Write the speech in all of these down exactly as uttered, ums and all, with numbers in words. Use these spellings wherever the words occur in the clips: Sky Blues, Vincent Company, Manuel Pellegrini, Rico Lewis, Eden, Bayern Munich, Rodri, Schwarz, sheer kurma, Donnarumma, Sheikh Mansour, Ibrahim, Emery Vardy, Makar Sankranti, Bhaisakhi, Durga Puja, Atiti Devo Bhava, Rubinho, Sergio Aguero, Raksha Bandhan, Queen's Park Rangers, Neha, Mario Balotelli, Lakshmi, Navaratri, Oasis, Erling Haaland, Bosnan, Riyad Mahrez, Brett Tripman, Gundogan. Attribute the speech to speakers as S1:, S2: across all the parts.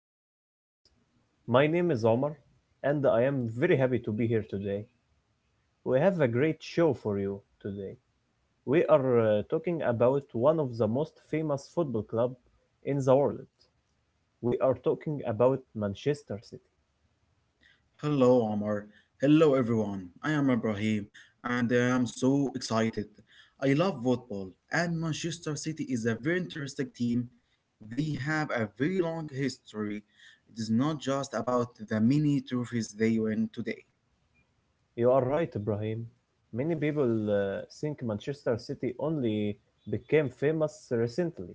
S1: our podcast. My name is Omar, and I am very happy to be here today. We have a great show for you today. We are uh, talking about one of the most famous football club in the world. We are talking about Manchester City.
S2: Hello, Omar. Hello, everyone. I am Ibrahim and I am so excited. I love football, and Manchester City is a very interesting team. They have a very long history. It is not just about the many trophies they win today.
S1: You are right, Ibrahim. Many people uh, think Manchester City only became famous recently.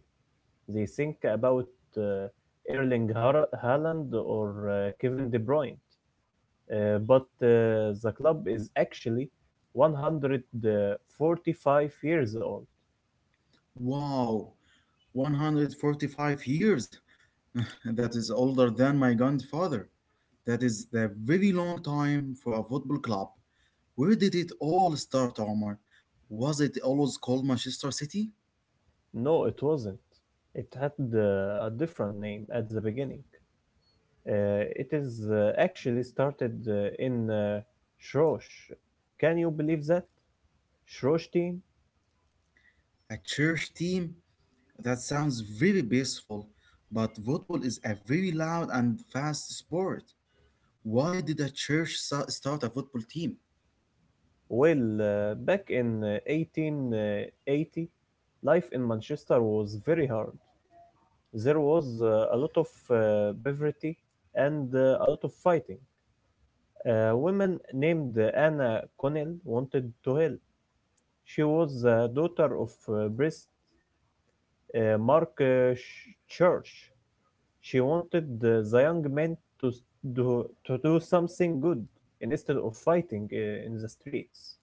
S1: They think about uh, Erling Har- Haaland or uh, Kevin De Bruyne, uh, but uh, the club is actually one hundred forty-five years old.
S2: Wow, one hundred forty-five years! That is older than my grandfather. That is a very long time for a football club. Where did it all start, Omar? Was it always called Manchester City?
S1: No, it wasn't. It had uh, a different name at the beginning. Uh, it is uh, actually started uh, in uh, Shrosh. Can you believe that? Shrosh team?
S2: A church team? That sounds very peaceful, but football is a very loud and fast sport. Why did a church sa- start a football team?
S1: Well, uh, back in uh, eighteen eighty, life in Manchester was very hard. There was uh, a lot of uh, poverty and uh, a lot of fighting. A woman named Anna Connell wanted to help. She was the daughter of uh, priest uh, Mark uh, Church. She wanted uh, the young men to do, to do something good instead of fighting uh, in the streets.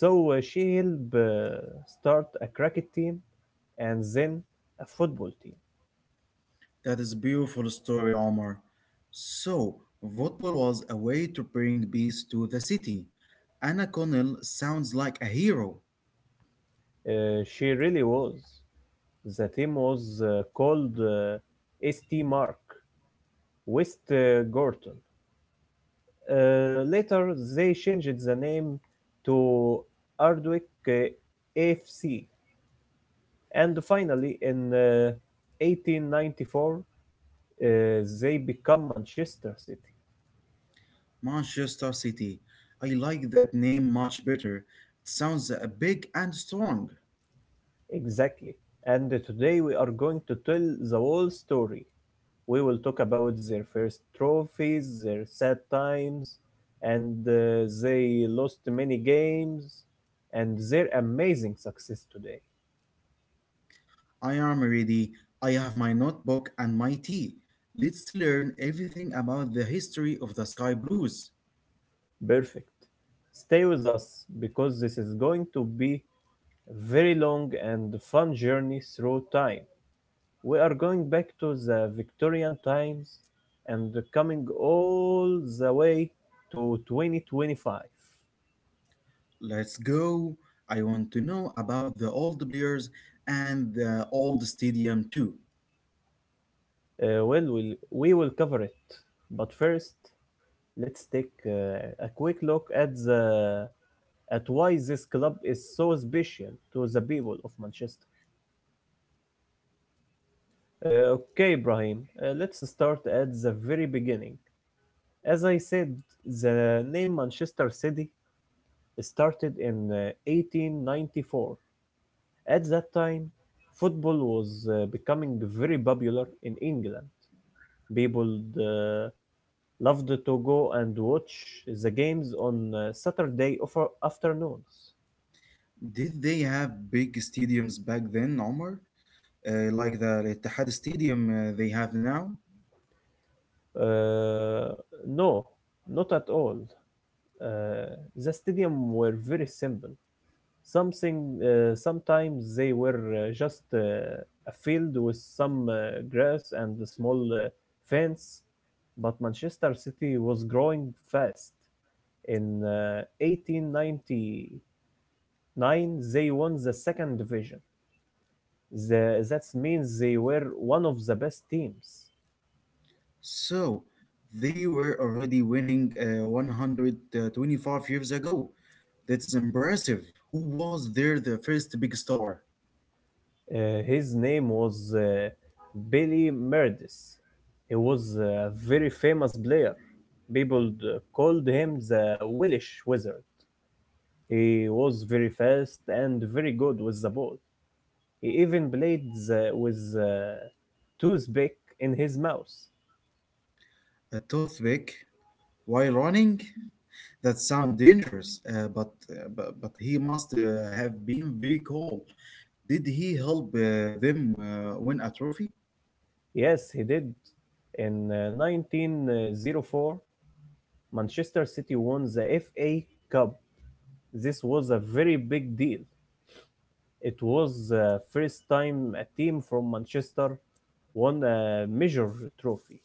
S1: So uh, she helped uh, start a cricket team and then a football team.
S2: That is a beautiful story, Omar. So, football was a way to bring peace to the city. Anna Connell sounds like a hero.
S1: Uh, she really was. The team was uh, called uh, saint Mark, West uh, Gorton. Uh, later, they changed the name to Ardwick uh, A F C, and finally, in uh, eighteen ninety-four, uh, they become Manchester City.
S2: Manchester City. I like that name much better. It sounds uh, big and strong.
S1: Exactly. And today we are going to tell the whole story. We will talk about their first trophies, their sad times, and uh, they lost many games, and their amazing success today.
S2: I am ready. I have my notebook and my tea. Let's learn everything about the history of the Sky Blues.
S1: Perfect. Stay with us because this is going to be a very long and fun journey through time. We are going back to the Victorian times and coming all the way to twenty twenty-five. Uh,
S2: Let's go. I want to know about the old players and the old stadium too.
S1: well, we'll, we will cover it, but first, let's take uh, a quick look at the at why this club is so special to the people of Manchester. Uh, okay, Ibrahim, uh, let's start at the very beginning. As I said, the name Manchester City started in uh, eighteen ninety-four. At that time, football was uh, becoming very popular in England. People uh, loved to go and watch the games on uh, Saturday afternoons.
S2: Did they have big stadiums back then, Omar? Uh, like the Etihad Stadium uh, they have now?
S1: Uh, no, not at all. Uh, the stadium were very simple. Something uh, sometimes they were uh, just uh, a field with some uh, grass and a small uh, fence, but Manchester City was growing fast. In uh, eighteen ninety-nine, they won the second division. The, that means they were one of the best teams.
S2: So, they were already winning uh, one hundred twenty-five years ago. That's impressive. Who was there the first big star?
S1: Uh, his name was uh, Billy Meredith. He was a very famous player. People uh, called him the Welsh Wizard. He was very fast and very good with the ball. He even played the, with a toothpick in his mouth.
S2: A toothpick while running? That sounds dangerous, uh, but, uh, but but he must uh, have been very cool. Did he help uh, them uh, win a trophy?
S1: Yes, he did. In uh, nineteen oh four, Manchester City won the F A Cup. This was a very big deal. It was the first time a team from Manchester won a major trophy.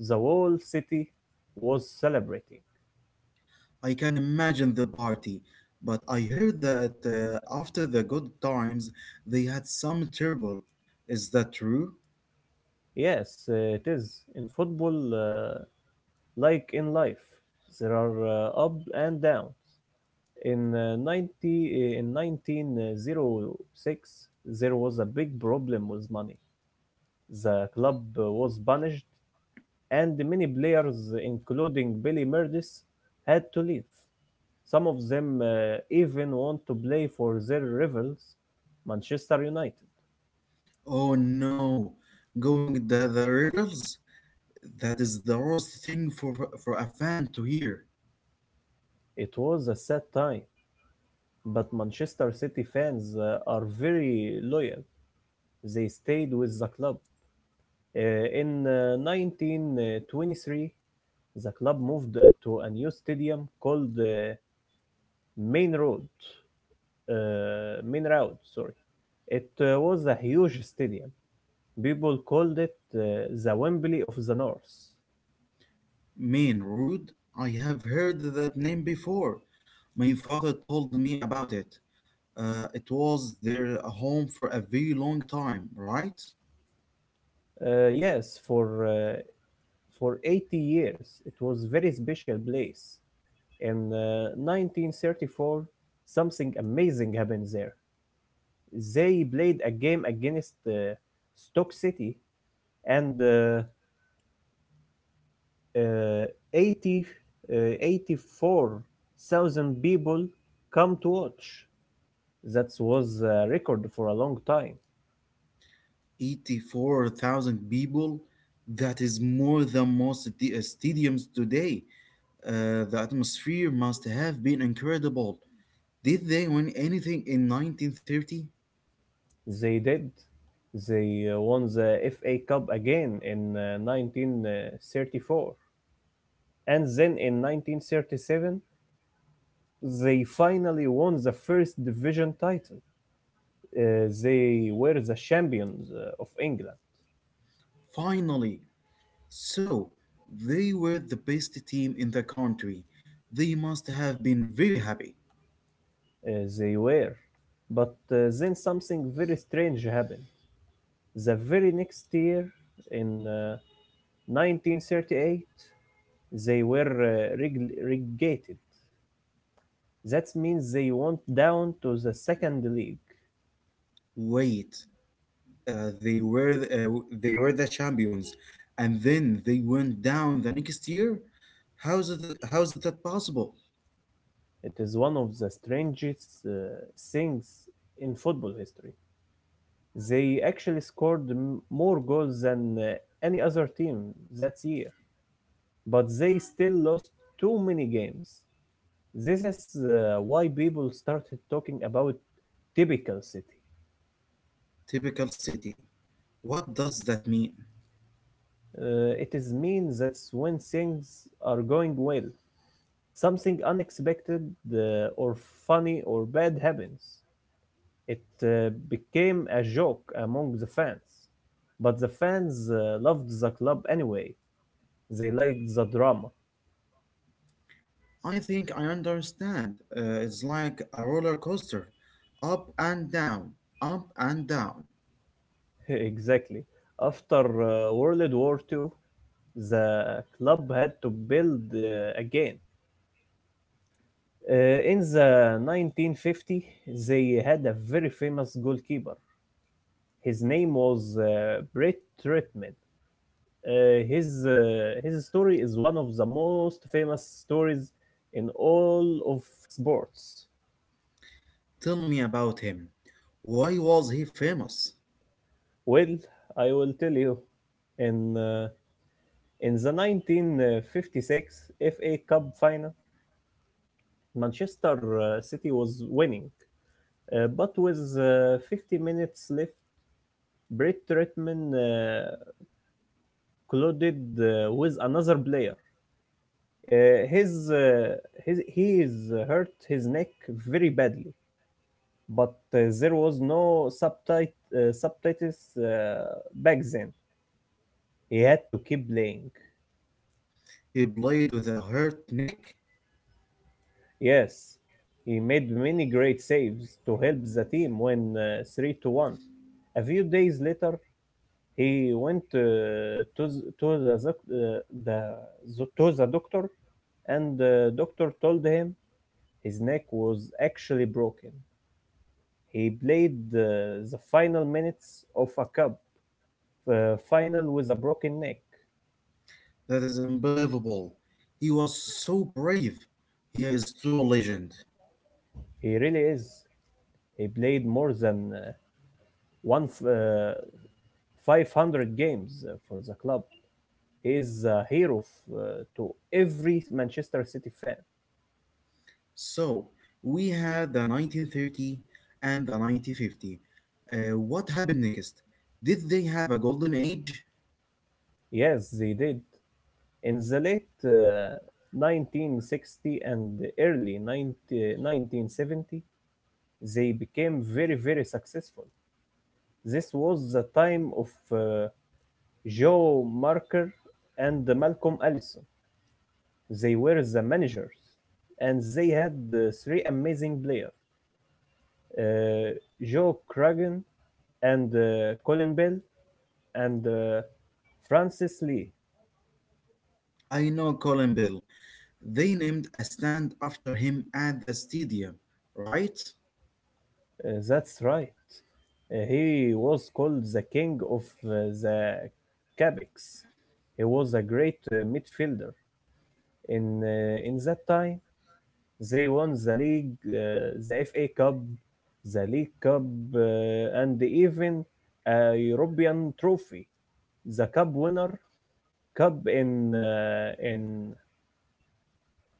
S1: The whole city was celebrating.
S2: I can imagine the party, but I heard that uh, after the good times they had some trouble. Is that true?
S1: Yes, uh, it is. In football, uh, like in life, there are uh, ups and downs. In uh, 90, eh, in nineteen oh six, there was a big problem with money. The club uh, was banished, and many players, including Billy Murdis, had to leave. Some of them uh, even want to play for their rivals, Manchester United.
S2: Oh no, going the, the rivers? That is the worst thing for, for, for a fan to hear.
S1: It was a sad time, but Manchester City fans uh, are very loyal. They stayed with the club. Uh, in uh, nineteen twenty-three, the club moved to a new stadium called uh, Main Road. Uh, Main Road, sorry. It uh, was a huge stadium. People called it uh, the Wembley of the North.
S2: Mean rude? I have heard that name before. My father told me about it. Uh, it was their home for a very long time, right?
S1: Uh, yes, for uh, for eighty years, it was very special place. In uh, nineteen thirty-four, something amazing happened there. They played a game against uh, Stoke City, and uh, uh, 80, uh, eighty-four thousand people come to watch. That was a record for a long time.
S2: eighty-four thousand people. That is more than most t- uh, stadiums today. Uh, the atmosphere must have been incredible. Did they win anything in nineteen thirty?
S1: They did. They uh, won the F A Cup again in uh, nineteen thirty-four. And then in nineteen thirty-seven, they finally won the first division title. Uh, they were the champions uh, of England.
S2: Finally. So, they were the best team in the country. They must have been very happy.
S1: Uh, they were. But uh, then something very strange happened. The very next year, in uh, nineteen thirty-eight, they were uh, reg- relegated. That means they went down to the second league.
S2: Wait, uh, they were the, uh, they were the champions, and then they went down the next year. How's it how's that possible?
S1: It is one of the strangest uh, things in football history. They actually scored m- more goals than uh, any other team that year, but they still lost too many games. This is uh, why people started talking about typical city.
S2: Typical city. What does that mean?
S1: Uh, it is means that's when things are going well, something unexpected uh, or funny or bad happens. It uh, became a joke among the fans, but the fans uh, loved the club anyway. They liked the drama.
S2: I think I understand. Uh, it's like a roller coaster up and down, up and down.
S1: exactly. After uh, World War Two, the club had to build uh, again. Uh, in the nineteen fifty, they had a very famous goalkeeper. His name was uh, Brett Tripman. Uh, his uh, his story is one of the most famous stories in all of sports.
S2: Tell me about him. Why was he famous?
S1: Well, I will tell you. In uh, in the nineteen fifty-six F A Cup final, Manchester uh, City was winning, uh, but with uh, fifty minutes left, Brett Tripman uh, colluded uh, with another player. Uh, his, uh, his, he is hurt his neck very badly, but uh, there was no subtit- uh, subtitles uh, back then. He had to keep playing.
S2: He played with a hurt neck?
S1: Yes, he made many great saves to help the team win uh, three to one. A few days later, he went uh, to, th- to, the, doc- uh, the, zo- to the doctor and the doctor told him his neck was actually broken. He played uh, the final minutes of a cup uh, final with a broken neck.
S2: That is unbelievable. He was so brave. He is true legend.
S1: He really is. He played more than uh, one f- uh, five hundred games uh, for the club. He is a hero f- uh, to every Manchester City fan.
S2: So, we had the nineteen thirty and the nineteen fifty. Uh, what happened next? Did they have a golden age?
S1: Yes, they did. In the late uh, nineteen sixty and early nineteen seventy, they became very, very successful. This was the time of uh, Joe Marker and Malcolm Allison. They were the managers, and they had uh, three amazing players, uh, Joe Cragen and uh, Colin Bell and uh, Francis Lee.
S2: I know Colin Bell. They named a stand after him at the stadium, right?
S1: Uh, that's right. Uh, he was called the king of uh, the Cabecs. He was a great uh, midfielder. In uh, in that time, they won the league, uh, the F A Cup, the League Cup, uh, and even a European trophy, the Cup winner cup in uh, in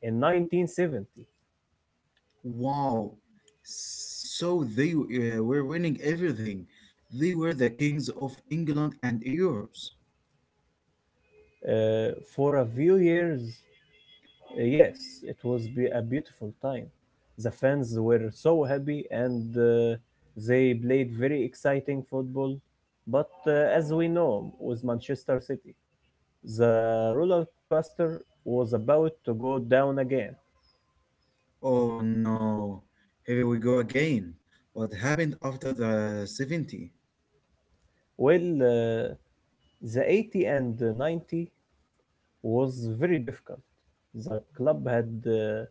S1: in nineteen seventy.
S2: Wow. So they uh, were winning everything. They were the kings of England and Europe.
S1: Uh, for a few years, Uh, yes, it was be a beautiful time. The fans were so happy and uh, they played very exciting football. But uh, as we know, with Manchester City, the roller coaster was about to go down again.
S2: Oh no. Here we go again. What happened after the seventy?
S1: Well, uh, the eighty and the ninety was very difficult. The club had uh,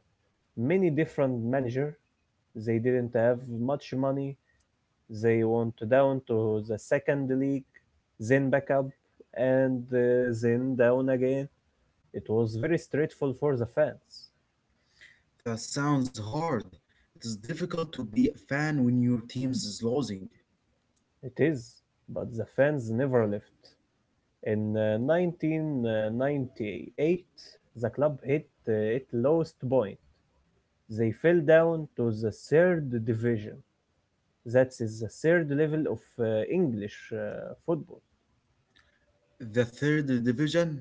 S1: many different managers. They didn't have much money. They went down to the second league, then back up, and uh, then down again. It was very stressful for the fans.
S2: That sounds hard. It is difficult to be a fan when your team is losing.
S1: It is, but the fans never left. In uh, nineteen ninety-eight, the club hit uh, its lowest point. They fell down to the third division. That is the third level of uh, English uh, football.
S2: The third division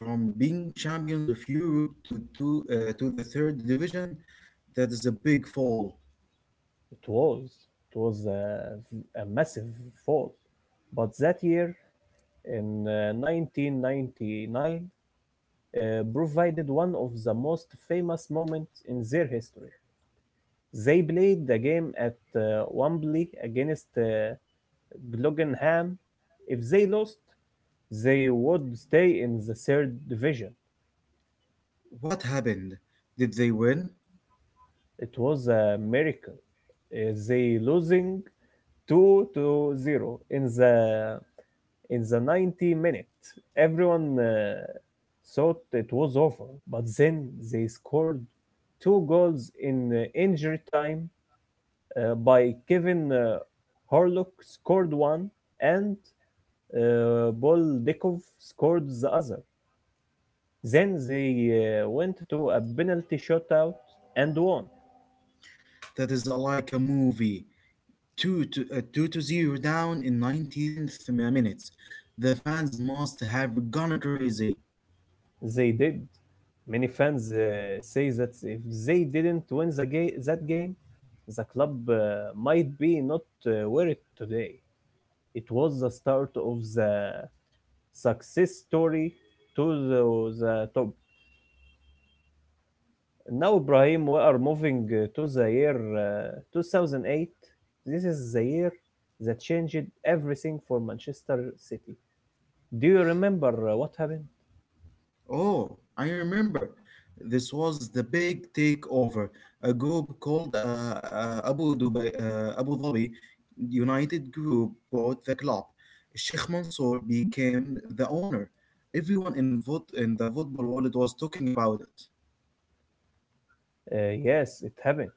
S2: from being champions of Europe to to, uh, to the third division. That is a big fall.
S1: It was, it was a, a massive fall. But that year, in uh, nineteen ninety-nine uh, provided one of the most famous moments in their history. They played the game at uh, Wembley against uh, Gillingham. If they lost, they would stay in the third division.
S2: What happened? Did they win?
S1: It was a miracle. Uh, they losing two to zero in the in the ninety minute, everyone uh, thought it was over, but then they scored two goals in uh, injury time, uh, by Kevin uh, Horlock scored one and uh, Boldikov scored the other. Then they uh, went to a penalty shootout and won.
S2: That is uh, like a movie. Two to uh, two to zero down in nineteenth minutes. The fans must have gone crazy.
S1: They did. Many fans uh, say that if they didn't win the ga- that game, the club uh, might be not uh, where it today. It was the start of the success story to the, the top. Now, Ibrahim, we are moving uh, to the year uh, two thousand eight. This is the year that changed everything for Manchester City. Do you remember uh, what happened?
S2: Oh, I remember. This was the big takeover. A group called uh, uh, Abu Dubai, uh, Abu Dhabi United Group bought the club. Sheikh Mansour became the owner. Everyone in, vot- in the football world was talking about it.
S1: Uh, yes, it happened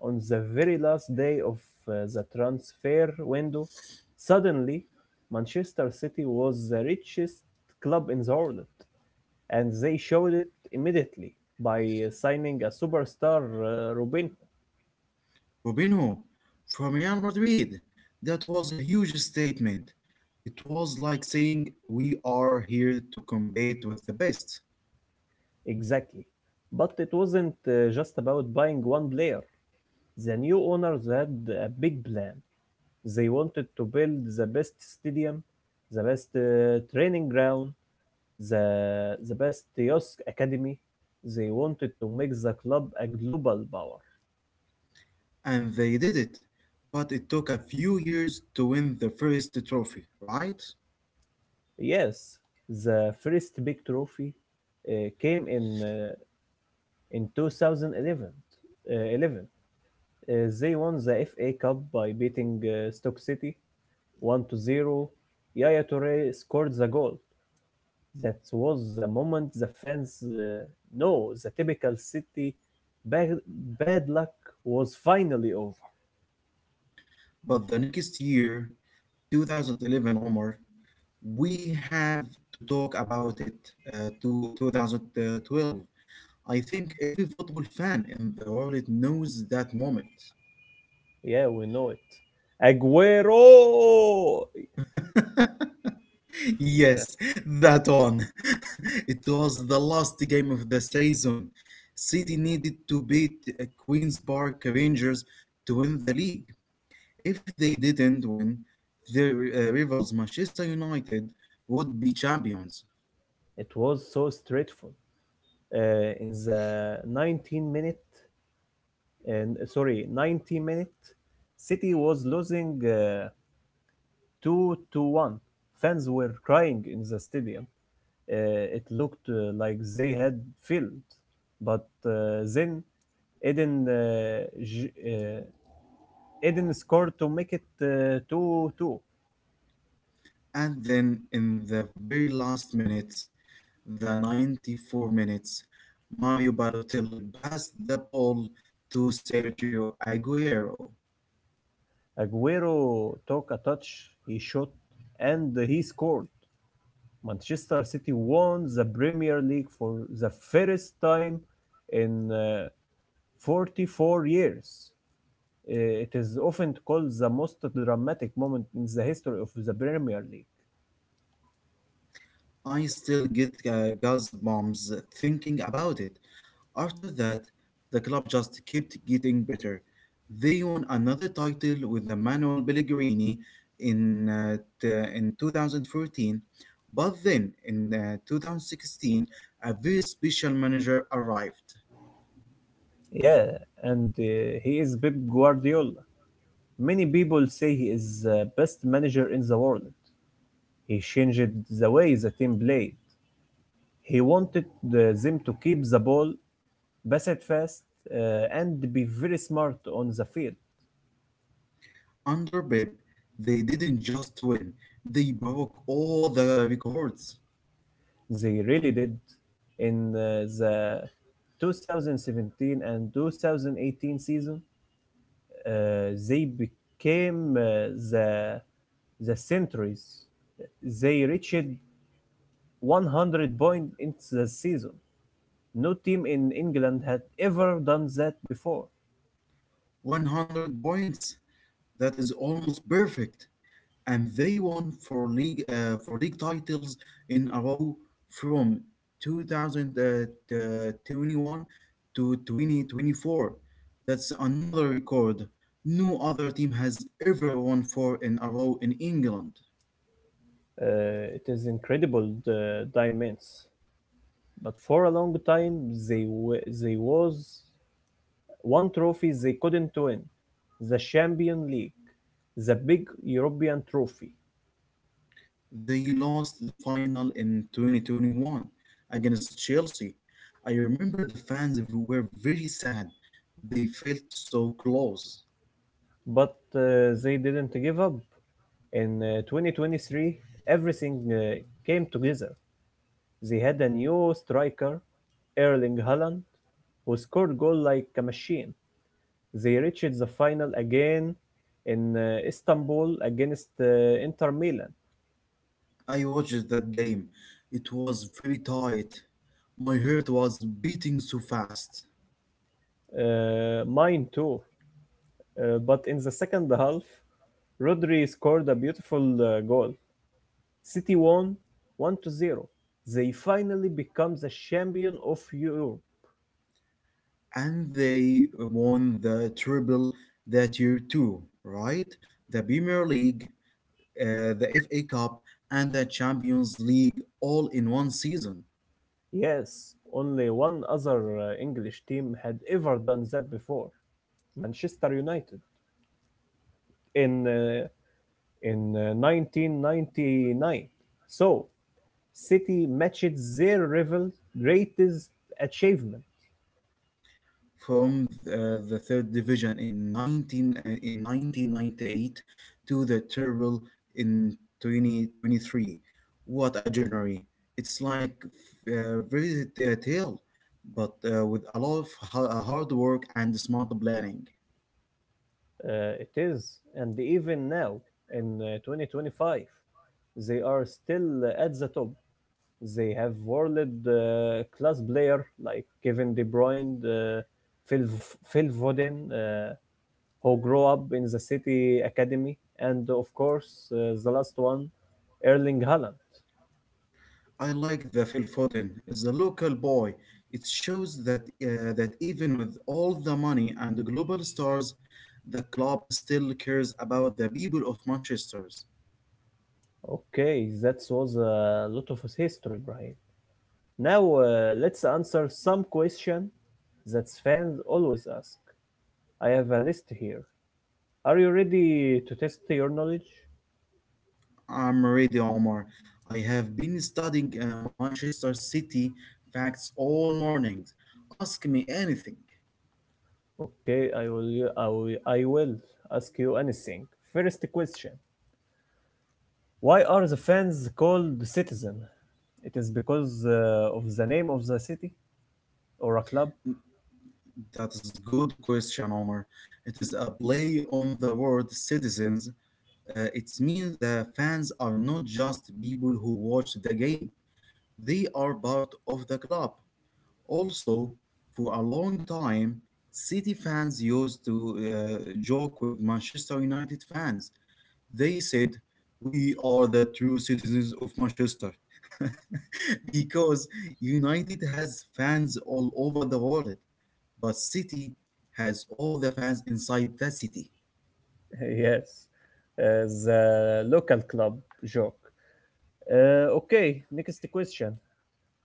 S1: on the very last day of uh, the transfer window, suddenly Manchester City was the richest club in the world, and they showed it immediately by uh, signing a superstar, uh, Robin.
S2: Rubinho from Real Madrid. That was a huge statement. It was like saying, "We are here to compete with the best."
S1: Exactly. But it wasn't uh, just about buying one player. The new owners had a big plan. They wanted to build the best stadium, the best uh, training ground, the the best youth academy. They wanted to make the club a global power.
S2: And they did it. But it took a few years to win the first trophy, right?
S1: Yes, the first big trophy uh, came in uh, in two thousand eleven. Uh, 11. Uh, they won the F A Cup by beating uh, Stoke City one to zero. Yaya Toure scored the goal. That was the moment the fans uh, know the typical City bad, bad luck was finally over.
S2: But the next year, twenty eleven, Omar, we have to talk about it uh, to two thousand twelve. I think every football fan in the world knows that moment.
S1: Yeah, we know it. Aguero. Yeah.
S2: Yes, that one. It was the last game of the season. City needed to beat uh, Queen's Park Rangers to win the league. If they didn't win, their uh, rivals Manchester United would be champions.
S1: It was so straightful. Uh, in the nineteen minute, and uh, sorry, ninety minute, City was losing uh, two to one. Fans were crying in the stadium. Uh, it looked uh, like they had failed, but uh, then Eden uh, uh, Eden scored to make it uh, two two.
S2: And then in the very last minutes, the ninety-four minutes, Mario Balotelli passed the ball to Sergio Aguero.
S1: Aguero took a touch, he shot, and he scored. Manchester City won the Premier League for the first time in uh, forty-four years. Uh, It is often called the most dramatic moment in the history of the Premier League.
S2: I still get uh, gas bombs thinking about it. After that, the club just kept getting better. They won another title with the Manuel Pellegrini in, uh, t- in twenty fourteen, but then in uh, two thousand sixteen, a very special manager arrived.
S1: Yeah, and uh, he is Pep Guardiola. Many people say he is the best manager in the world. He changed the way the team played. He wanted uh, them to keep the ball pass it fast, uh, and be very smart on the field.
S2: Under Pep, they didn't just win, they broke all the records.
S1: They really did. In uh, the twenty seventeen and two thousand eighteen season, uh, they became uh, the the centuries. They reached one hundred points in the season. No team in England had ever done that before.
S2: one hundred points. That is almost perfect. And they won four league uh, four league titles in a row from twenty twenty-one to twenty twenty-four. That's another record. No other team has ever won four in a row in England.
S1: Uh, it is incredible the dimensions. But for a long time, they wa- they was one trophy they couldn't win, the Champions League, the big European trophy.
S2: They lost the final in twenty twenty-one against Chelsea. I remember the fans were very sad. They felt so close.
S1: But uh, they didn't give up. In uh, twenty twenty-three, everything uh, came together. They had a new striker, Erling Haaland, who scored goal like a machine. They reached the final again in uh, Istanbul against uh, Inter Milan.
S2: I watched that game. It was very tight. My heart was beating so fast.
S1: Uh, mine too. Uh, but in the second half, Rodri scored a beautiful uh, goal. City won one to zero. They finally become the champion of Europe.
S2: And they won the treble that year too, right? The Premier League, uh, the F A Cup, and the Champions League all in one season.
S1: Yes, only one other uh, English team had ever done that before Manchester United in, uh, in uh, nineteen ninety-nine. So, City matched their rival's greatest achievement.
S2: From uh, the third division in 19 uh, in nineteen ninety-eight to the treble in twenty twenty-three. What a journey. It's like uh, very t- tale, but uh, with a lot of ha- uh, hard work and smart planning.
S1: Uh, it is, and even now in uh, twenty twenty-five, they are still uh, at the top. They have world-class player like Kevin De Bruyne, uh, Phil, Phil Foden, uh, who grew up in the City Academy, and of course, uh, the last one, Erling Haaland.
S2: I like the Phil Foden is a local boy. It shows that uh, that even with all the money and the global stars, the club still cares about the people of Manchester.
S1: Okay, that was a lot of his history, Brian. Now uh, let's answer some question that fans always ask. I have a list here. Are you ready to test your knowledge?
S2: I'm ready, Omar. I have been studying uh, Manchester City facts all morning. Ask me anything.
S1: Okay, I will, I will, I will ask you anything. First question: Why are the fans called Citizen? It is because uh, of the name of the city or a club?
S2: That's good question, Omar. It is a play on the word citizens. Uh, it means the fans are not just people who watch the game. They are part of the club. Also, for a long time, City fans used to uh, joke with Manchester United fans. They said, "We are the true citizens of Manchester" because United has fans all over the world, but City has all the fans inside the city.
S1: Yes, uh, the local club joke. Uh, okay, next question.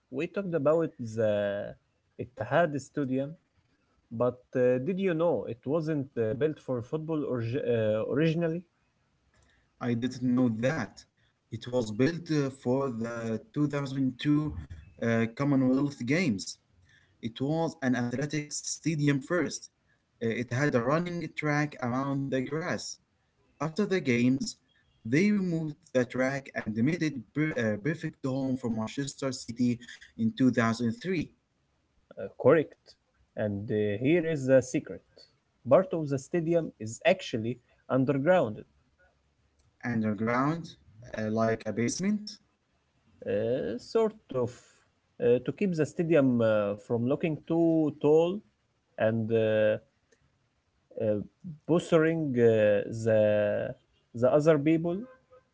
S1: We talked about the Ittihad Stadium, but uh, did you know it wasn't uh, built for football orgi- uh, originally?
S2: I didn't know that. It was built uh, for the two thousand two uh, Commonwealth Games. It was an athletics stadium first. Uh, It had a running track around the grass. After the games, they removed the track and made it per- a perfect home for Manchester City in two thousand three.
S1: Uh, correct. And uh, here is the secret. Part of the stadium is actually underground,
S2: Underground, uh, like a basement?
S1: uh, sort of, uh, to keep the stadium uh, from looking too tall and uh, uh, bothering uh, the the other people.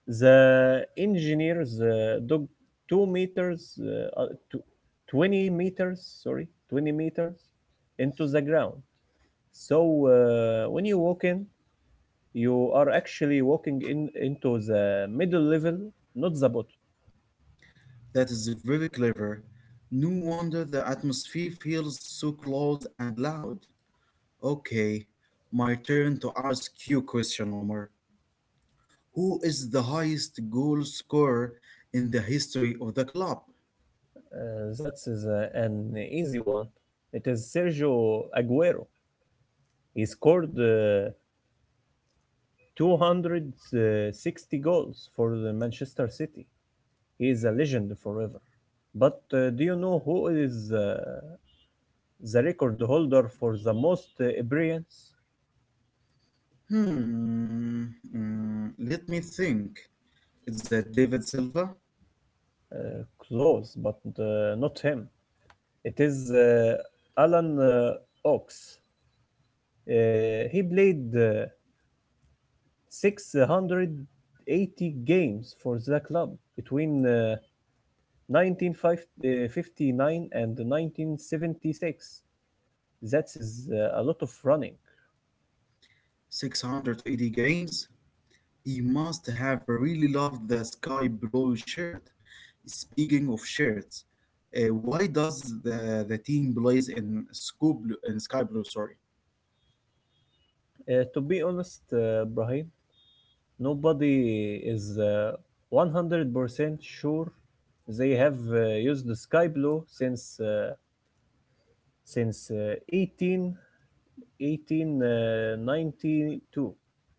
S1: The engineers uh, dug two meters, uh, uh, tw- twenty meters, sorry, twenty meters into the ground. So uh, when you walk in, you are actually walking in into the middle level, not the bottom.
S2: That is very clever. No wonder the atmosphere feels so close and loud. Okay, my turn to ask you question, Omar. Who is the highest goal scorer in the history of the club?
S1: Uh, that is uh, an easy one. It is Sergio Aguero. He scored uh, two hundred sixty goals for the Manchester City. He is a legend forever. But uh, do you know who is uh, the record holder for the most uh, appearance?
S2: Hmm, mm, let me think. It's uh, David Silva,
S1: Uh, close, but uh, not him. It is uh, Alan uh, Ox. Uh, he played uh, six hundred eighty games for the club between uh, nineteen fifty-nine and nineteen seventy-six. That is uh, a lot of running.
S2: six hundred eighty games. He must have really loved the sky blue shirt. Speaking of shirts, uh, why does the, the team plays in sky blue, in sky blue? Sorry,
S1: Uh, to be honest, uh, Brahim, nobody is uh, one hundred percent sure they have uh, used the sky blue since uh, since uh, 18 eighteen ninety-two.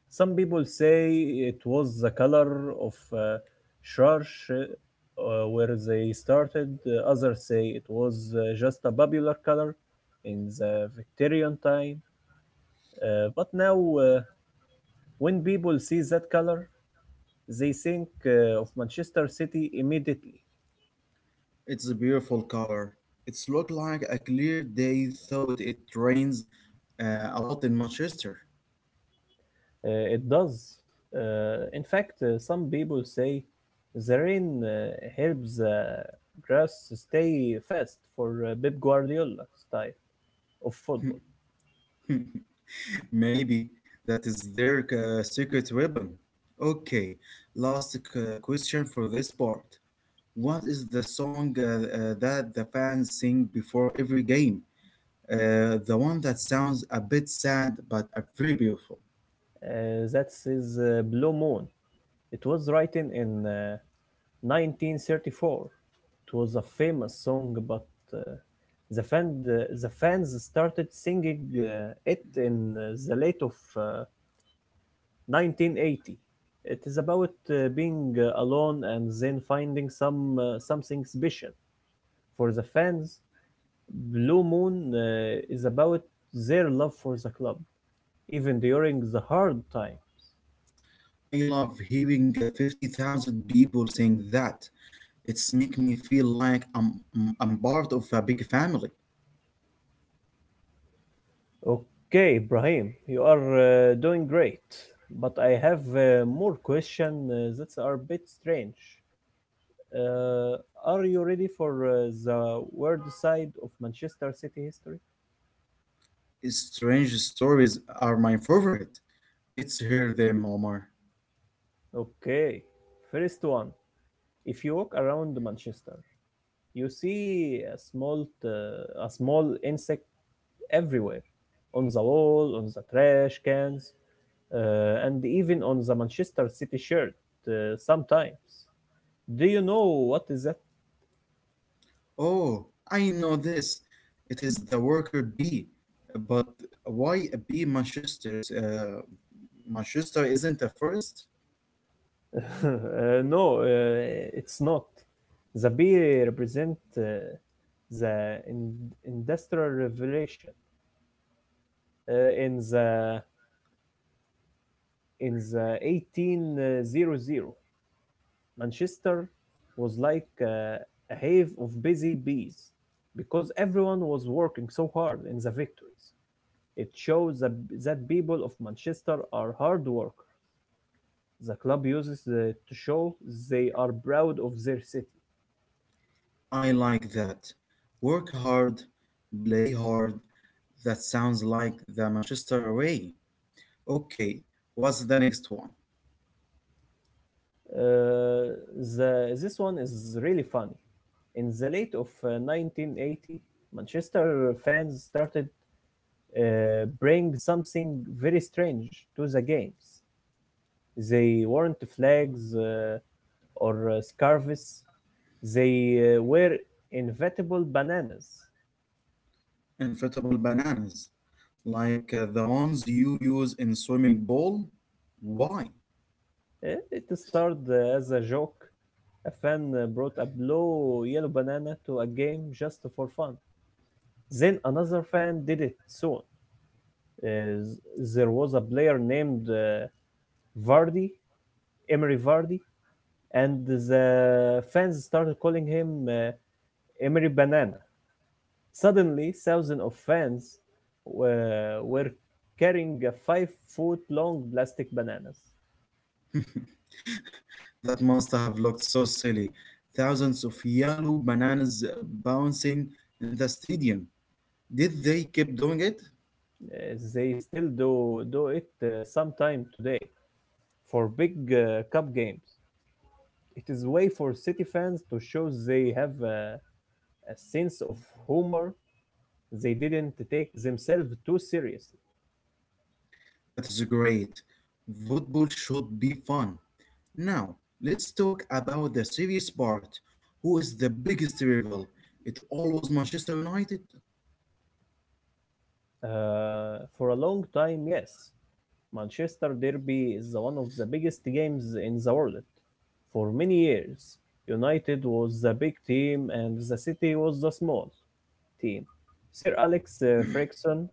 S1: Some people say it was the color of uh, Schwarz, uh, where they started. Uh, Others say it was uh, just a popular color in the Victorian time. Uh, but now, uh, when people see that color, they think uh, of Manchester City immediately.
S2: it's a beautiful color. It's look like a clear day, thought it rains uh, a lot in Manchester.
S1: Uh, it does. Uh, in fact, uh, some people say the rain uh, helps the grass stay fast for uh, Pep Guardiola style of football.
S2: Maybe that is their uh, secret weapon. Okay, last uh, question for this part. What is the song uh, uh, that the fans sing before every game? Uh, the one that sounds a bit sad but uh, very beautiful.
S1: Uh, that's his uh, Blue Moon. It was written in uh, nineteen thirty-four. It was a famous song, but uh, the, fan, the, the fans started singing uh, it in uh, the late of uh, nineteen eighty. It is about uh, being uh, alone and then finding some uh, something special. For the fans, Blue Moon uh, is about their love for the club, even during the hard time.
S2: I love hearing uh, fifty thousand people saying that. It's make me feel like I'm, I'm I'm part of a big family.
S1: Okay, Ibrahim, you are uh, doing great, but I have uh, more questions uh, that are a bit strange. Uh, are you ready for uh, the world side of Manchester City history?
S2: Strange stories are my favorite. Let's hear them, Omar.
S1: Okay, first one. If you walk around Manchester, you see a small uh, a small insect everywhere, on the wall, on the trash cans, uh, and even on the Manchester City shirt uh, sometimes. Do you know what is that?
S2: Oh, I know this. It is the worker bee. Uh, But why a bee? Manchester's uh, Manchester isn't a forest?
S1: Uh, no, uh, it's not. The bee represent uh, the in- industrial revolution uh, in the in the eighteen hundreds, Manchester was like uh, a hive of busy bees because everyone was working so hard in the victories. It shows that, that people of Manchester are hard workers. The club uses the, to show they are proud of their city.
S2: I like that. Work hard, play hard. That sounds like the Manchester way. Okay, what's the next one?
S1: Uh, the, this one is really funny. In the late of uh, nineteen eighty, Manchester fans started uh, bring something very strange to the games. They weren't flags, uh, or uh, scarves, they uh, were inevitable bananas.
S2: Inflatable bananas. Like uh, the ones you use in swimming pool? Why?
S1: Eh, It started uh, as a joke. A fan uh, brought a blue yellow banana to a game just for fun. Then another fan did it soon. Uh, there was a player named uh, Vardy, Emery Vardy, and the fans started calling him uh, Emery Banana. Suddenly, thousands of fans were, were carrying uh, five foot long plastic bananas.
S2: That must have looked so silly. Thousands of yellow bananas uh, bouncing in the stadium. Did they keep doing it?
S1: Uh, they still do, do it uh, sometime today for big uh, cup games. It is way for city fans to show they have uh, a sense of humor. They didn't take themselves too seriously.
S2: That is great. Football should be fun. Now, let's talk about the serious part. Who is the biggest rival? It always Manchester United?
S1: Uh, for a long time, yes. Manchester Derby is one of the biggest games in the world. For many years, United was the big team and the City was the small team. Sir Alex uh, Ferguson,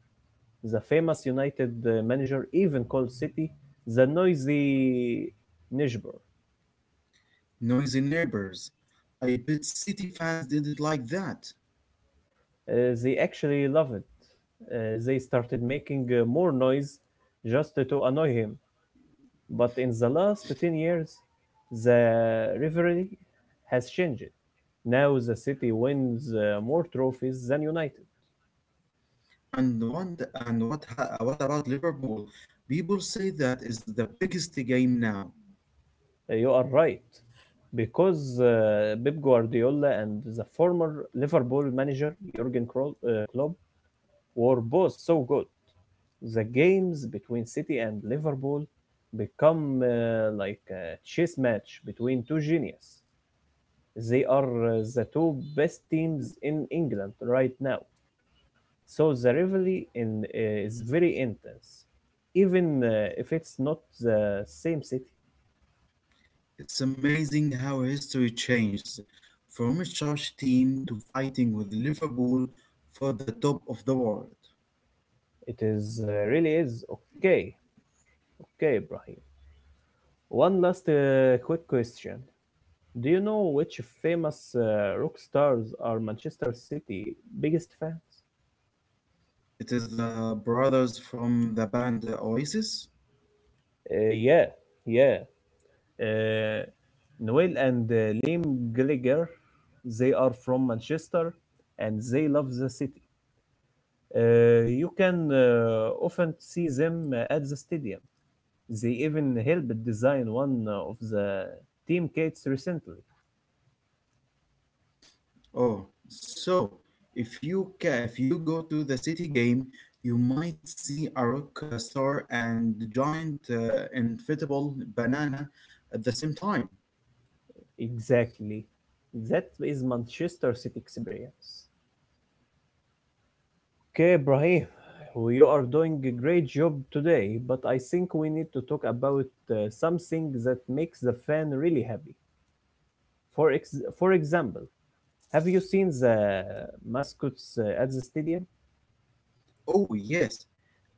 S1: the famous United uh, manager, even called City the noisy neighbor.
S2: Noisy neighbors. I bet City fans didn't like that.
S1: Uh, they actually loved it. Uh, they started making uh, more noise just to annoy him. But in the last ten years, the rivalry has changed. Now the city wins uh, more trophies than United.
S2: And want and what ha- what about Liverpool? People say that is the biggest game now.
S1: Uh, You are right, because uh, Pep Guardiola and the former Liverpool manager Jurgen Kro- uh, Klopp were both so good. The games between City and Liverpool become uh, like a chess match between two geniuses. They are uh, the two best teams in England right now. So the rivalry in eh, is very intense, even uh, if it's not the same city.
S2: It's amazing how history changed from a church team to fighting with Liverpool for the top of the world.
S1: It is uh, really is. Okay, okay, Ibrahim. One last uh, quick question: Do you know which famous uh, rock stars are Manchester City biggest fans?
S2: It is the brothers from the band uh, Oasis.
S1: Uh, yeah, yeah. Uh, Noel and uh, Liam Gallagher, they are from Manchester, and they love the city. Uh, you can uh, often see them uh, at the stadium. They even helped design one of the team kits recently.
S2: Oh, so if you ca- if you go to the City game, you might see a rock uh, star and the giant uh, inflatable banana at the same time.
S1: Exactly. That is Manchester City experience. Okay, Brahim, you are doing a great job today, but I think we need to talk about uh, something that makes the fan really happy. For ex- for example, have you seen the mascots uh, at the stadium?
S2: Oh yes,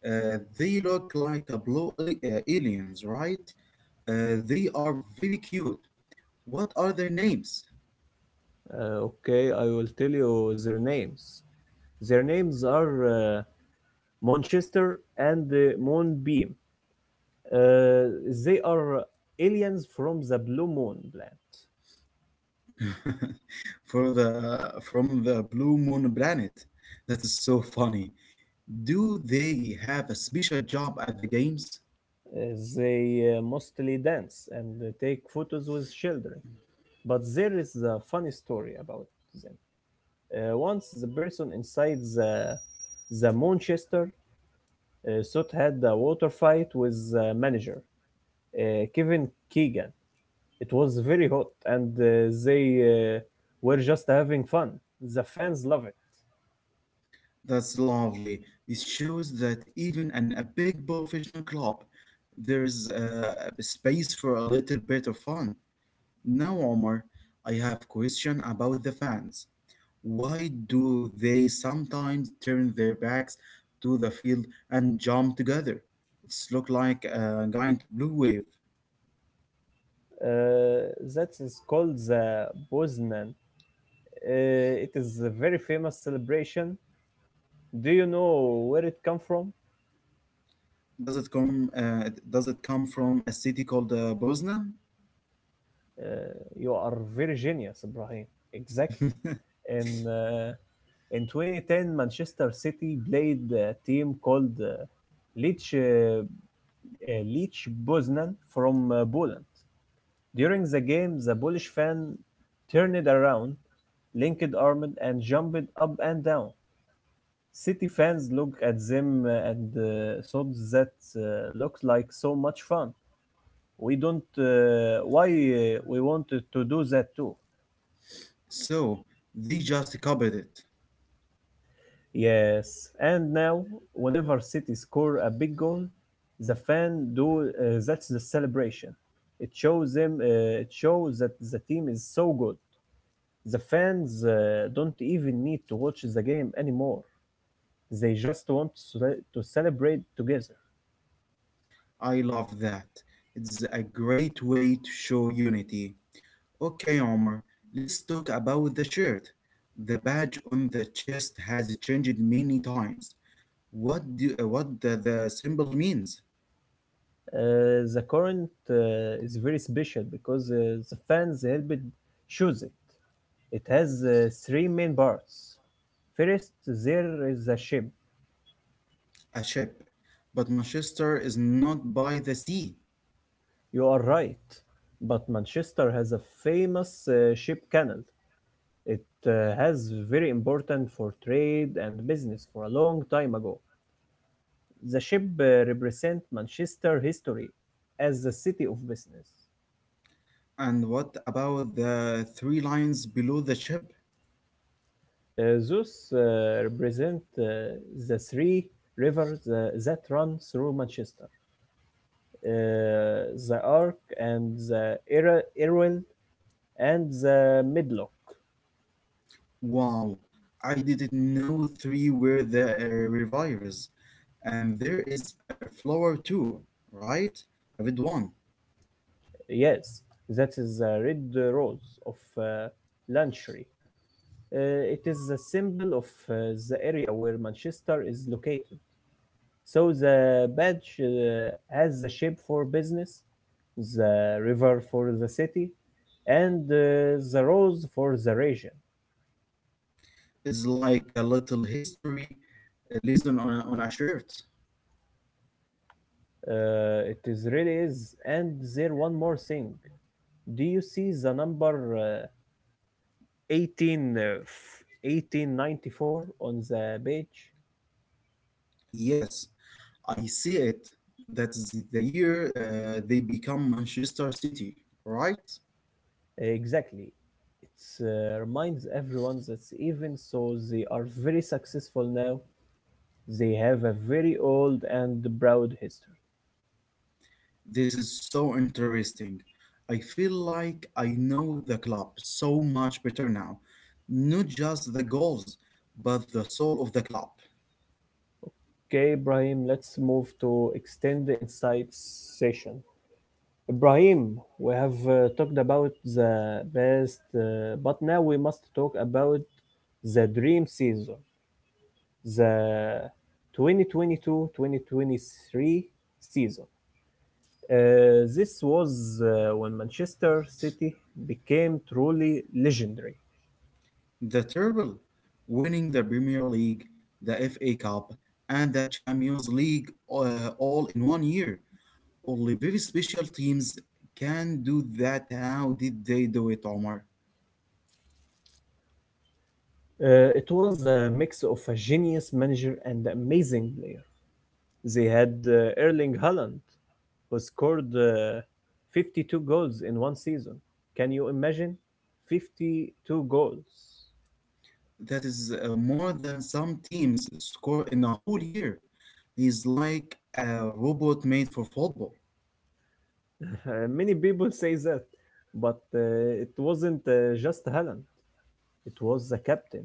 S2: uh, they look like a blue a- uh, aliens, right? Uh, they are very cute. What are their names?
S1: Uh, okay, I will tell you their names. Their names are uh, Monchester and uh, Moonbeam. Uh, they are aliens from the Blue Moon planet.
S2: For the from the Blue Moon planet. That is so funny. Do they have a special job at the games?
S1: Uh, they uh, mostly dance and uh, take photos with children. But there is a funny story about them. Uh, once the person inside the, the Manchester uh, thought had a water fight with the manager, uh, Kevin Keegan. It was very hot, and uh, they uh, were just having fun. The fans love it.
S2: That's lovely. It shows that even in a big professional club, there is uh, a space for a little bit of fun. Now, Omar, I have question about the fans. Why do they sometimes turn their backs to the field and jump together? It's look like a giant blue wave.
S1: Uh, that is called the Bosnan. Uh, it is a very famous celebration. Do you know where it come from?
S2: Does it come? Uh, does it come from a city called uh, Poznan?
S1: Uh, you are very genius, Ibrahim. Exactly. In uh, in twenty ten, Manchester City played a team called uh, Leech uh, uh, Leech Poznan from uh, Poland. During the game, the Polish fan turned around, linked arms and jumped up and down. City fans looked at them uh, and uh, thought that uh, looked like so much fun. We don't uh, why uh, we wanted to do that too.
S2: So they just copied it.
S1: Yes, and now whenever City score a big goal, the fan do uh, that's the celebration. It shows them uh, it shows that the team is so good. The fans uh, don't even need to watch the game anymore. They just want to cele- to celebrate together.
S2: I love that. It's a great way to show unity. Okay, Omar, let's talk about the shirt. The badge on the chest has changed many times. What do uh, what the, the symbol means?
S1: Uh, the current uh, is very special because uh, the fans helped choose it. It has uh, three main parts. First, there is the ship.
S2: A ship, but Manchester is not by the sea.
S1: You are right, but Manchester has a famous uh, ship canal. It uh, has very important for trade and business for a long time ago. The ship uh, represents Manchester history as the city of business.
S2: And what about the three lines below the ship?
S1: Uh, thus uh, represent uh, the three rivers uh, that run through Manchester. Uh, the Ark and the Irwell and the Medlock.
S2: Wow, I didn't know three were the uh, revivers. And there is a flower too, right? I read one.
S1: Yes, that is the red rose of uh, Lanshry. Uh, it is the symbol of uh, the area where Manchester is located. So the badge uh, has the ship for business, the river for the city, and uh, the rose for the region.
S2: It's like a little history, a lesson on a, on a shirt.
S1: Uh, it is really is. And there one more thing. Do you see the number uh, eighteen, uh, f- eighteen ninety-four on the page?
S2: Yes, I see it. That's the year uh, they become Manchester City, right?
S1: Exactly. It uh, reminds everyone that even so they are very successful now, they have a very old and proud history.
S2: This is so interesting. I feel like I know the club so much better now. Not just the goals, but the soul of the club.
S1: Okay, Ibrahim, let's move to extend the insights session. Ibrahim, we have uh, talked about the best, uh, but now we must talk about the dream season, the twenty twenty-two-twenty twenty-three season. Uh, this was uh, when Manchester City became truly legendary.
S2: The treble, winning the Premier League, the F A Cup, and the Champions League uh, all in one year. Only very special teams can do that. How did they do it, Omar?
S1: Uh, it was a mix of a genius manager and amazing player. They had uh, Erling Haaland, who scored uh, fifty-two goals in one season. Can you imagine? fifty-two goals.
S2: That is uh, more than some teams score in a whole year. He's like a robot made for football.
S1: Uh, many people say that, but uh, it wasn't uh, just Haaland. It was the captain,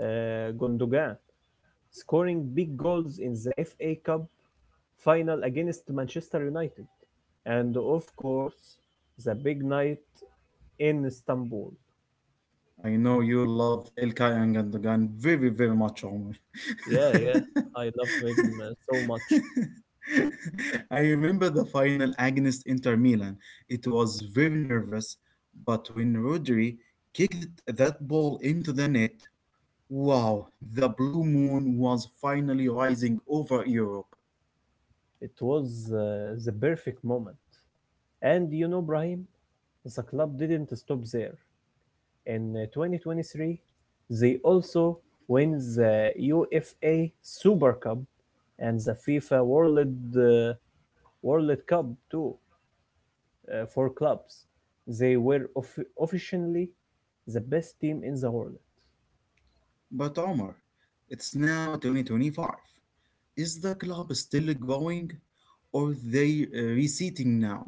S1: uh, Gundogan, scoring big goals in the F A Cup final against Manchester United. And of course, the big night in Istanbul.
S2: I know you love El Kayang and Gundogan very, very much, Omar.
S1: Yeah, yeah, I love him uh, so much.
S2: I remember the final against Inter Milan. It was very nervous, but when Rodri kicked that ball into the net, wow, the blue moon was finally rising over Europe.
S1: It was uh, the perfect moment. And you know, Brahim, the club didn't stop there. In uh, twenty twenty-three, they also win the UEFA Super Cup and the FIFA World uh, World Cup too uh, for clubs. They were offi- officially the best team in the world.
S2: But Omar, it's now twenty twenty-five. Is the club still growing, or they uh, reseating now?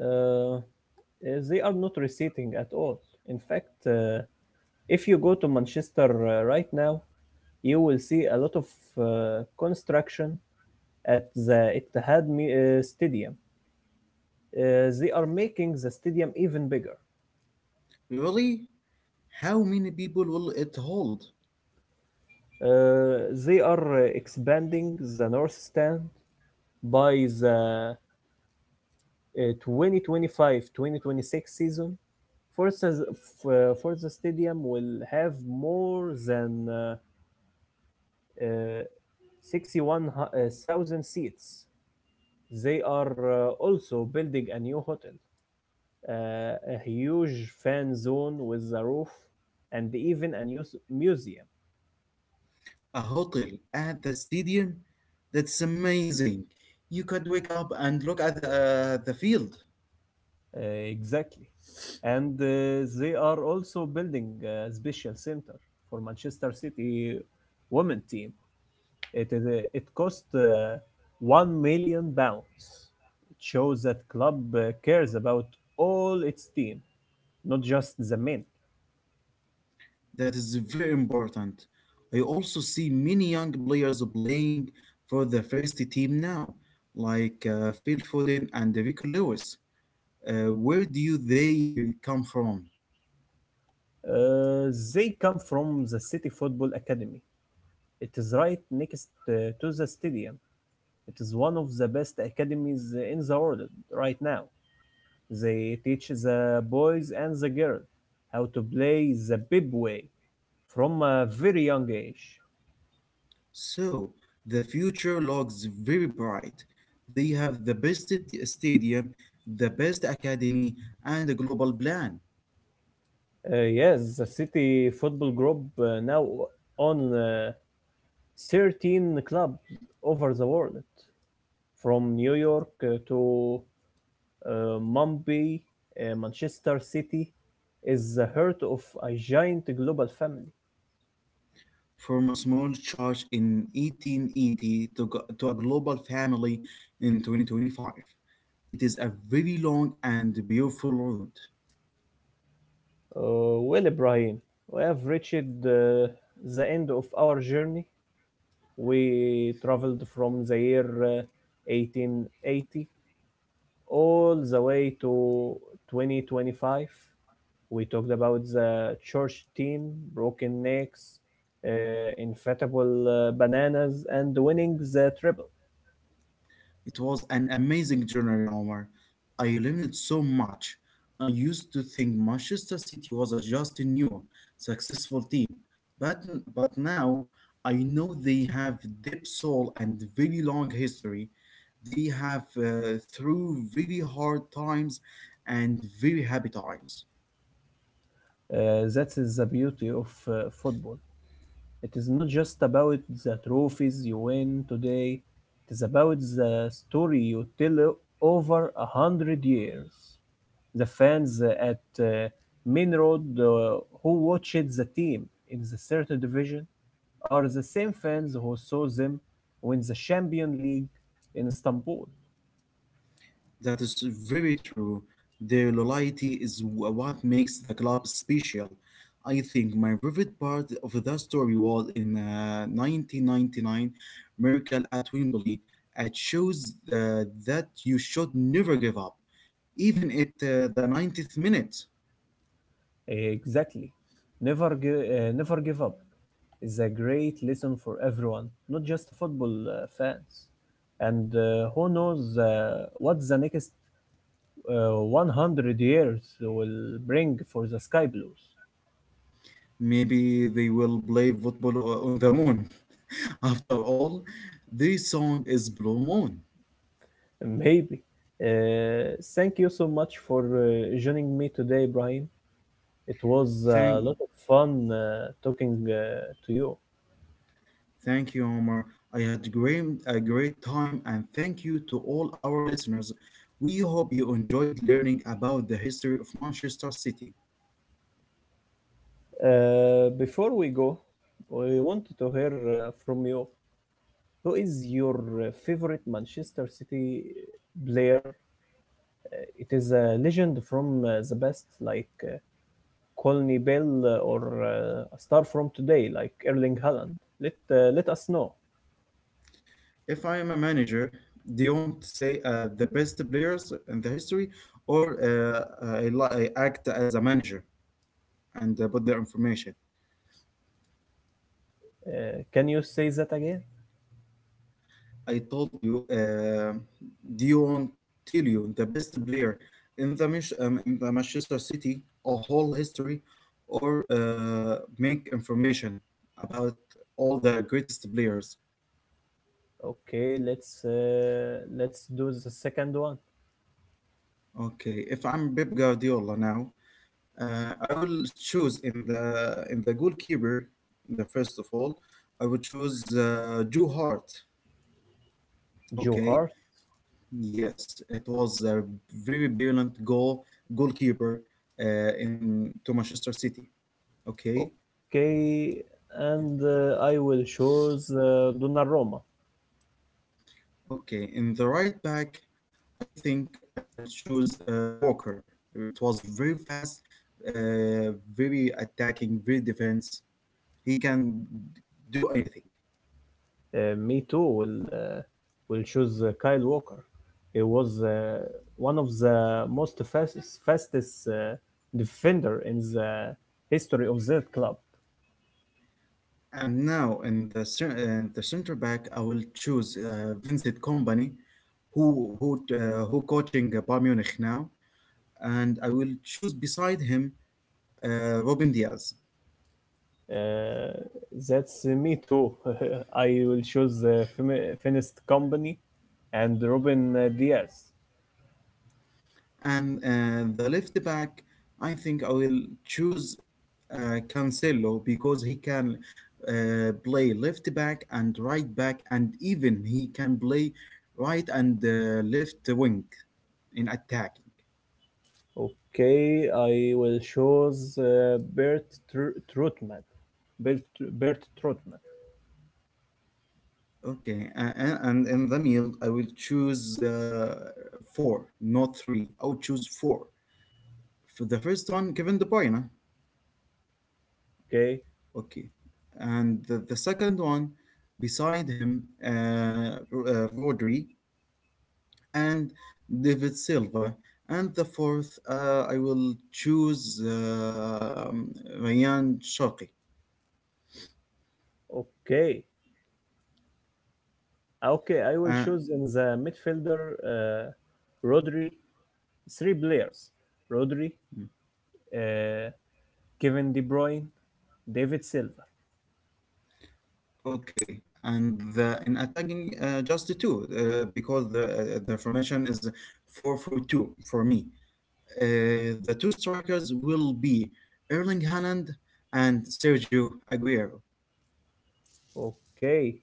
S1: Uh, uh, they are not receding at all. In fact, uh, if you go to Manchester uh, right now, you will see a lot of uh, construction at the Etihad uh, Stadium. Uh, they are making the stadium even bigger.
S2: Really? How many people will it hold?
S1: Uh, they are uh, expanding the North Stand by the twenty twenty five twenty twenty six season. For the, for the stadium will have more than uh, uh, sixty-one thousand seats. They are uh, also building a new hotel, uh, a huge fan zone with a roof, and even a new s- museum.
S2: A hotel at the stadium? That's amazing. You could wake up and look at the, uh, the field.
S1: Uh, exactly. And uh, they are also building a special center for Manchester City women team. It, is a- it cost uh, one million pounds. It shows that club uh, cares about all its team, not just the men.
S2: That is very important. I also see many young players playing for the first team now, like uh, Phil Foden and Rico Lewis. Uh, where do they uh, come from?
S1: Uh, they come from the City Football Academy. It is right next uh, to the stadium. It is one of the best academies in the world right now. They teach the boys and the girls how to play the bib way from a very young age.
S2: So, the future looks very bright. They have the best t- stadium, the best academy, and a global plan.
S1: Uh, yes, the City Football Group uh, now on uh, thirteen clubs over the world, from New York uh, to uh, Mumbai, uh, Manchester City is the heart of a giant global family.
S2: From a small church in eighteen eighty to, go- to a global family in twenty twenty-five. It is a very long and beautiful road.
S1: Uh, well, Ibrahim, we have reached uh, the end of our journey. We traveled from the year uh, eighteen eighty all the way to twenty twenty-five. We talked about the church team, broken necks, uh, infatable uh, bananas, and winning the treble.
S2: It was an amazing journey, Omar. I learned so much. I used to think Manchester City was a just new, successful team, but but now I know they have deep soul and very long history. They have uh, through very hard times and very happy times.
S1: Uh, that is the beauty of uh, football. It is not just about the trophies you win today, it is about the story you tell o- over a hundred years. The fans uh, at uh, Main Road uh, who watched the team in the certain division are the same fans who saw them win the Champion League in Istanbul.
S2: That is very true. Their loyalty is wh- what makes the club special. I think my favorite part of that story was in uh, nineteen ninety-nine Miracle at Wembley. It shows the, that you should never give up, even at uh, the ninetieth minute.
S1: Exactly. Never give, uh, never give up is a great lesson for everyone, not just football uh, fans. And uh, who knows uh, what the next uh, one hundred years will bring for the Sky Blues?
S2: Maybe they will play football o- on the moon. After all, the song is Blue Moon.
S1: Maybe. Uh, thank you so much for uh, joining me today, Brian. It was a
S2: Thank
S1: lot of fun uh, talking uh, to you.
S2: Thank you, Omar. I had great, a great time, and thank you to all our listeners. We hope you enjoyed learning about the history of Manchester City.
S1: Uh, before we go, we wanted to hear uh, from you. Who is your uh, favorite Manchester City player? It is a legend from uh, the best, like uh, Colney Bell, uh, or uh, a star from today, like Erling Haaland. Let uh, let us know.
S2: If I am a manager, do you want to say uh, the best players in the history, or uh, I, li- I act as a manager and uh, put the information?
S1: Uh, can you say that again?
S2: I told you, uh, Dion Tilio, the best player in the Mich- um, in the Manchester City, a whole history, or uh, make information about all the greatest players.
S1: Okay, let's uh, let's do the second one.
S2: Okay, if I'm Pep Guardiola now, uh, I will choose in the in the goalkeeper. The first of all, I would choose uh, Joe Hart.
S1: Joe
S2: Okay,
S1: Hart.
S2: yes, it was a very brilliant goal goalkeeper uh, in to Manchester City. Okay,
S1: Okay, and uh, I will choose uh, Donnarumma.
S2: okay. In the right back, I think I will choose uh, Walker. It was very fast, uh, very attacking, very defense. He can do anything.
S1: uh, Me Too will uh, will choose uh, Kyle Walker. He was uh, one of the most fastest, fastest uh, defender in the history of that club.
S2: And now in the cer- in the center back, I will choose uh, Vincent Company, who who uh, who coaching uh, Bayern Munich now. And I will choose beside him uh, Robin Diaz.
S1: Uh, that's uh, me too. I will choose uh, Femi- Finest Company and Robin uh, Diaz.
S2: And uh, the left back, I think I will choose uh, Cancelo because he can uh, play left back and right back, and even he can play right and uh, left wing in attack.
S1: Okay, I will choose uh, Bert Tr- Trutman. Bert, Bert Trutman.
S2: Okay, and, and in the middle, I will choose uh, four, not three. I will choose four. For the first one, Kevin De Bruyne.
S1: Okay,
S2: Okay. And the, the second one beside him, uh, R- uh, Rodri and David Silva. And the fourth, uh, I will choose uh, um, Ryan Shaqi.
S1: okay. Okay, I will
S2: Uh,
S1: choose in the midfielder uh, Rodri. Three players: Rodri, uh, Kevin De Bruyne, David Silva.
S2: okay. And the, in attacking, uh, just the two, uh, because the, uh, the formation is four four two for me. Uh, the two strikers will be Erling Haaland and Sergio Aguero.
S1: Okay,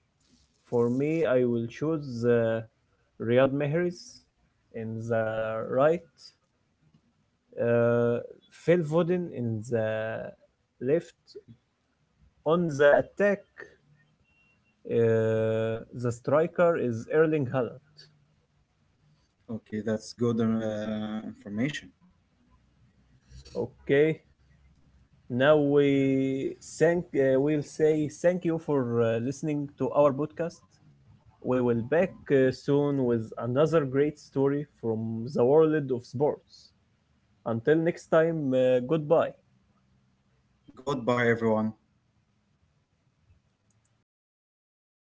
S1: for me, I will choose uh, Riyad Mahrez in the right, uh, Phil Foden in the left. On the attack, uh, the striker is Erling Haaland.
S2: Okay, that's good uh, information.
S1: Okay, now we thank uh, we'll say thank you for uh, listening to our podcast. We will back uh, soon with another great story from the world of sports. Until next time, uh, goodbye.
S2: Goodbye, everyone.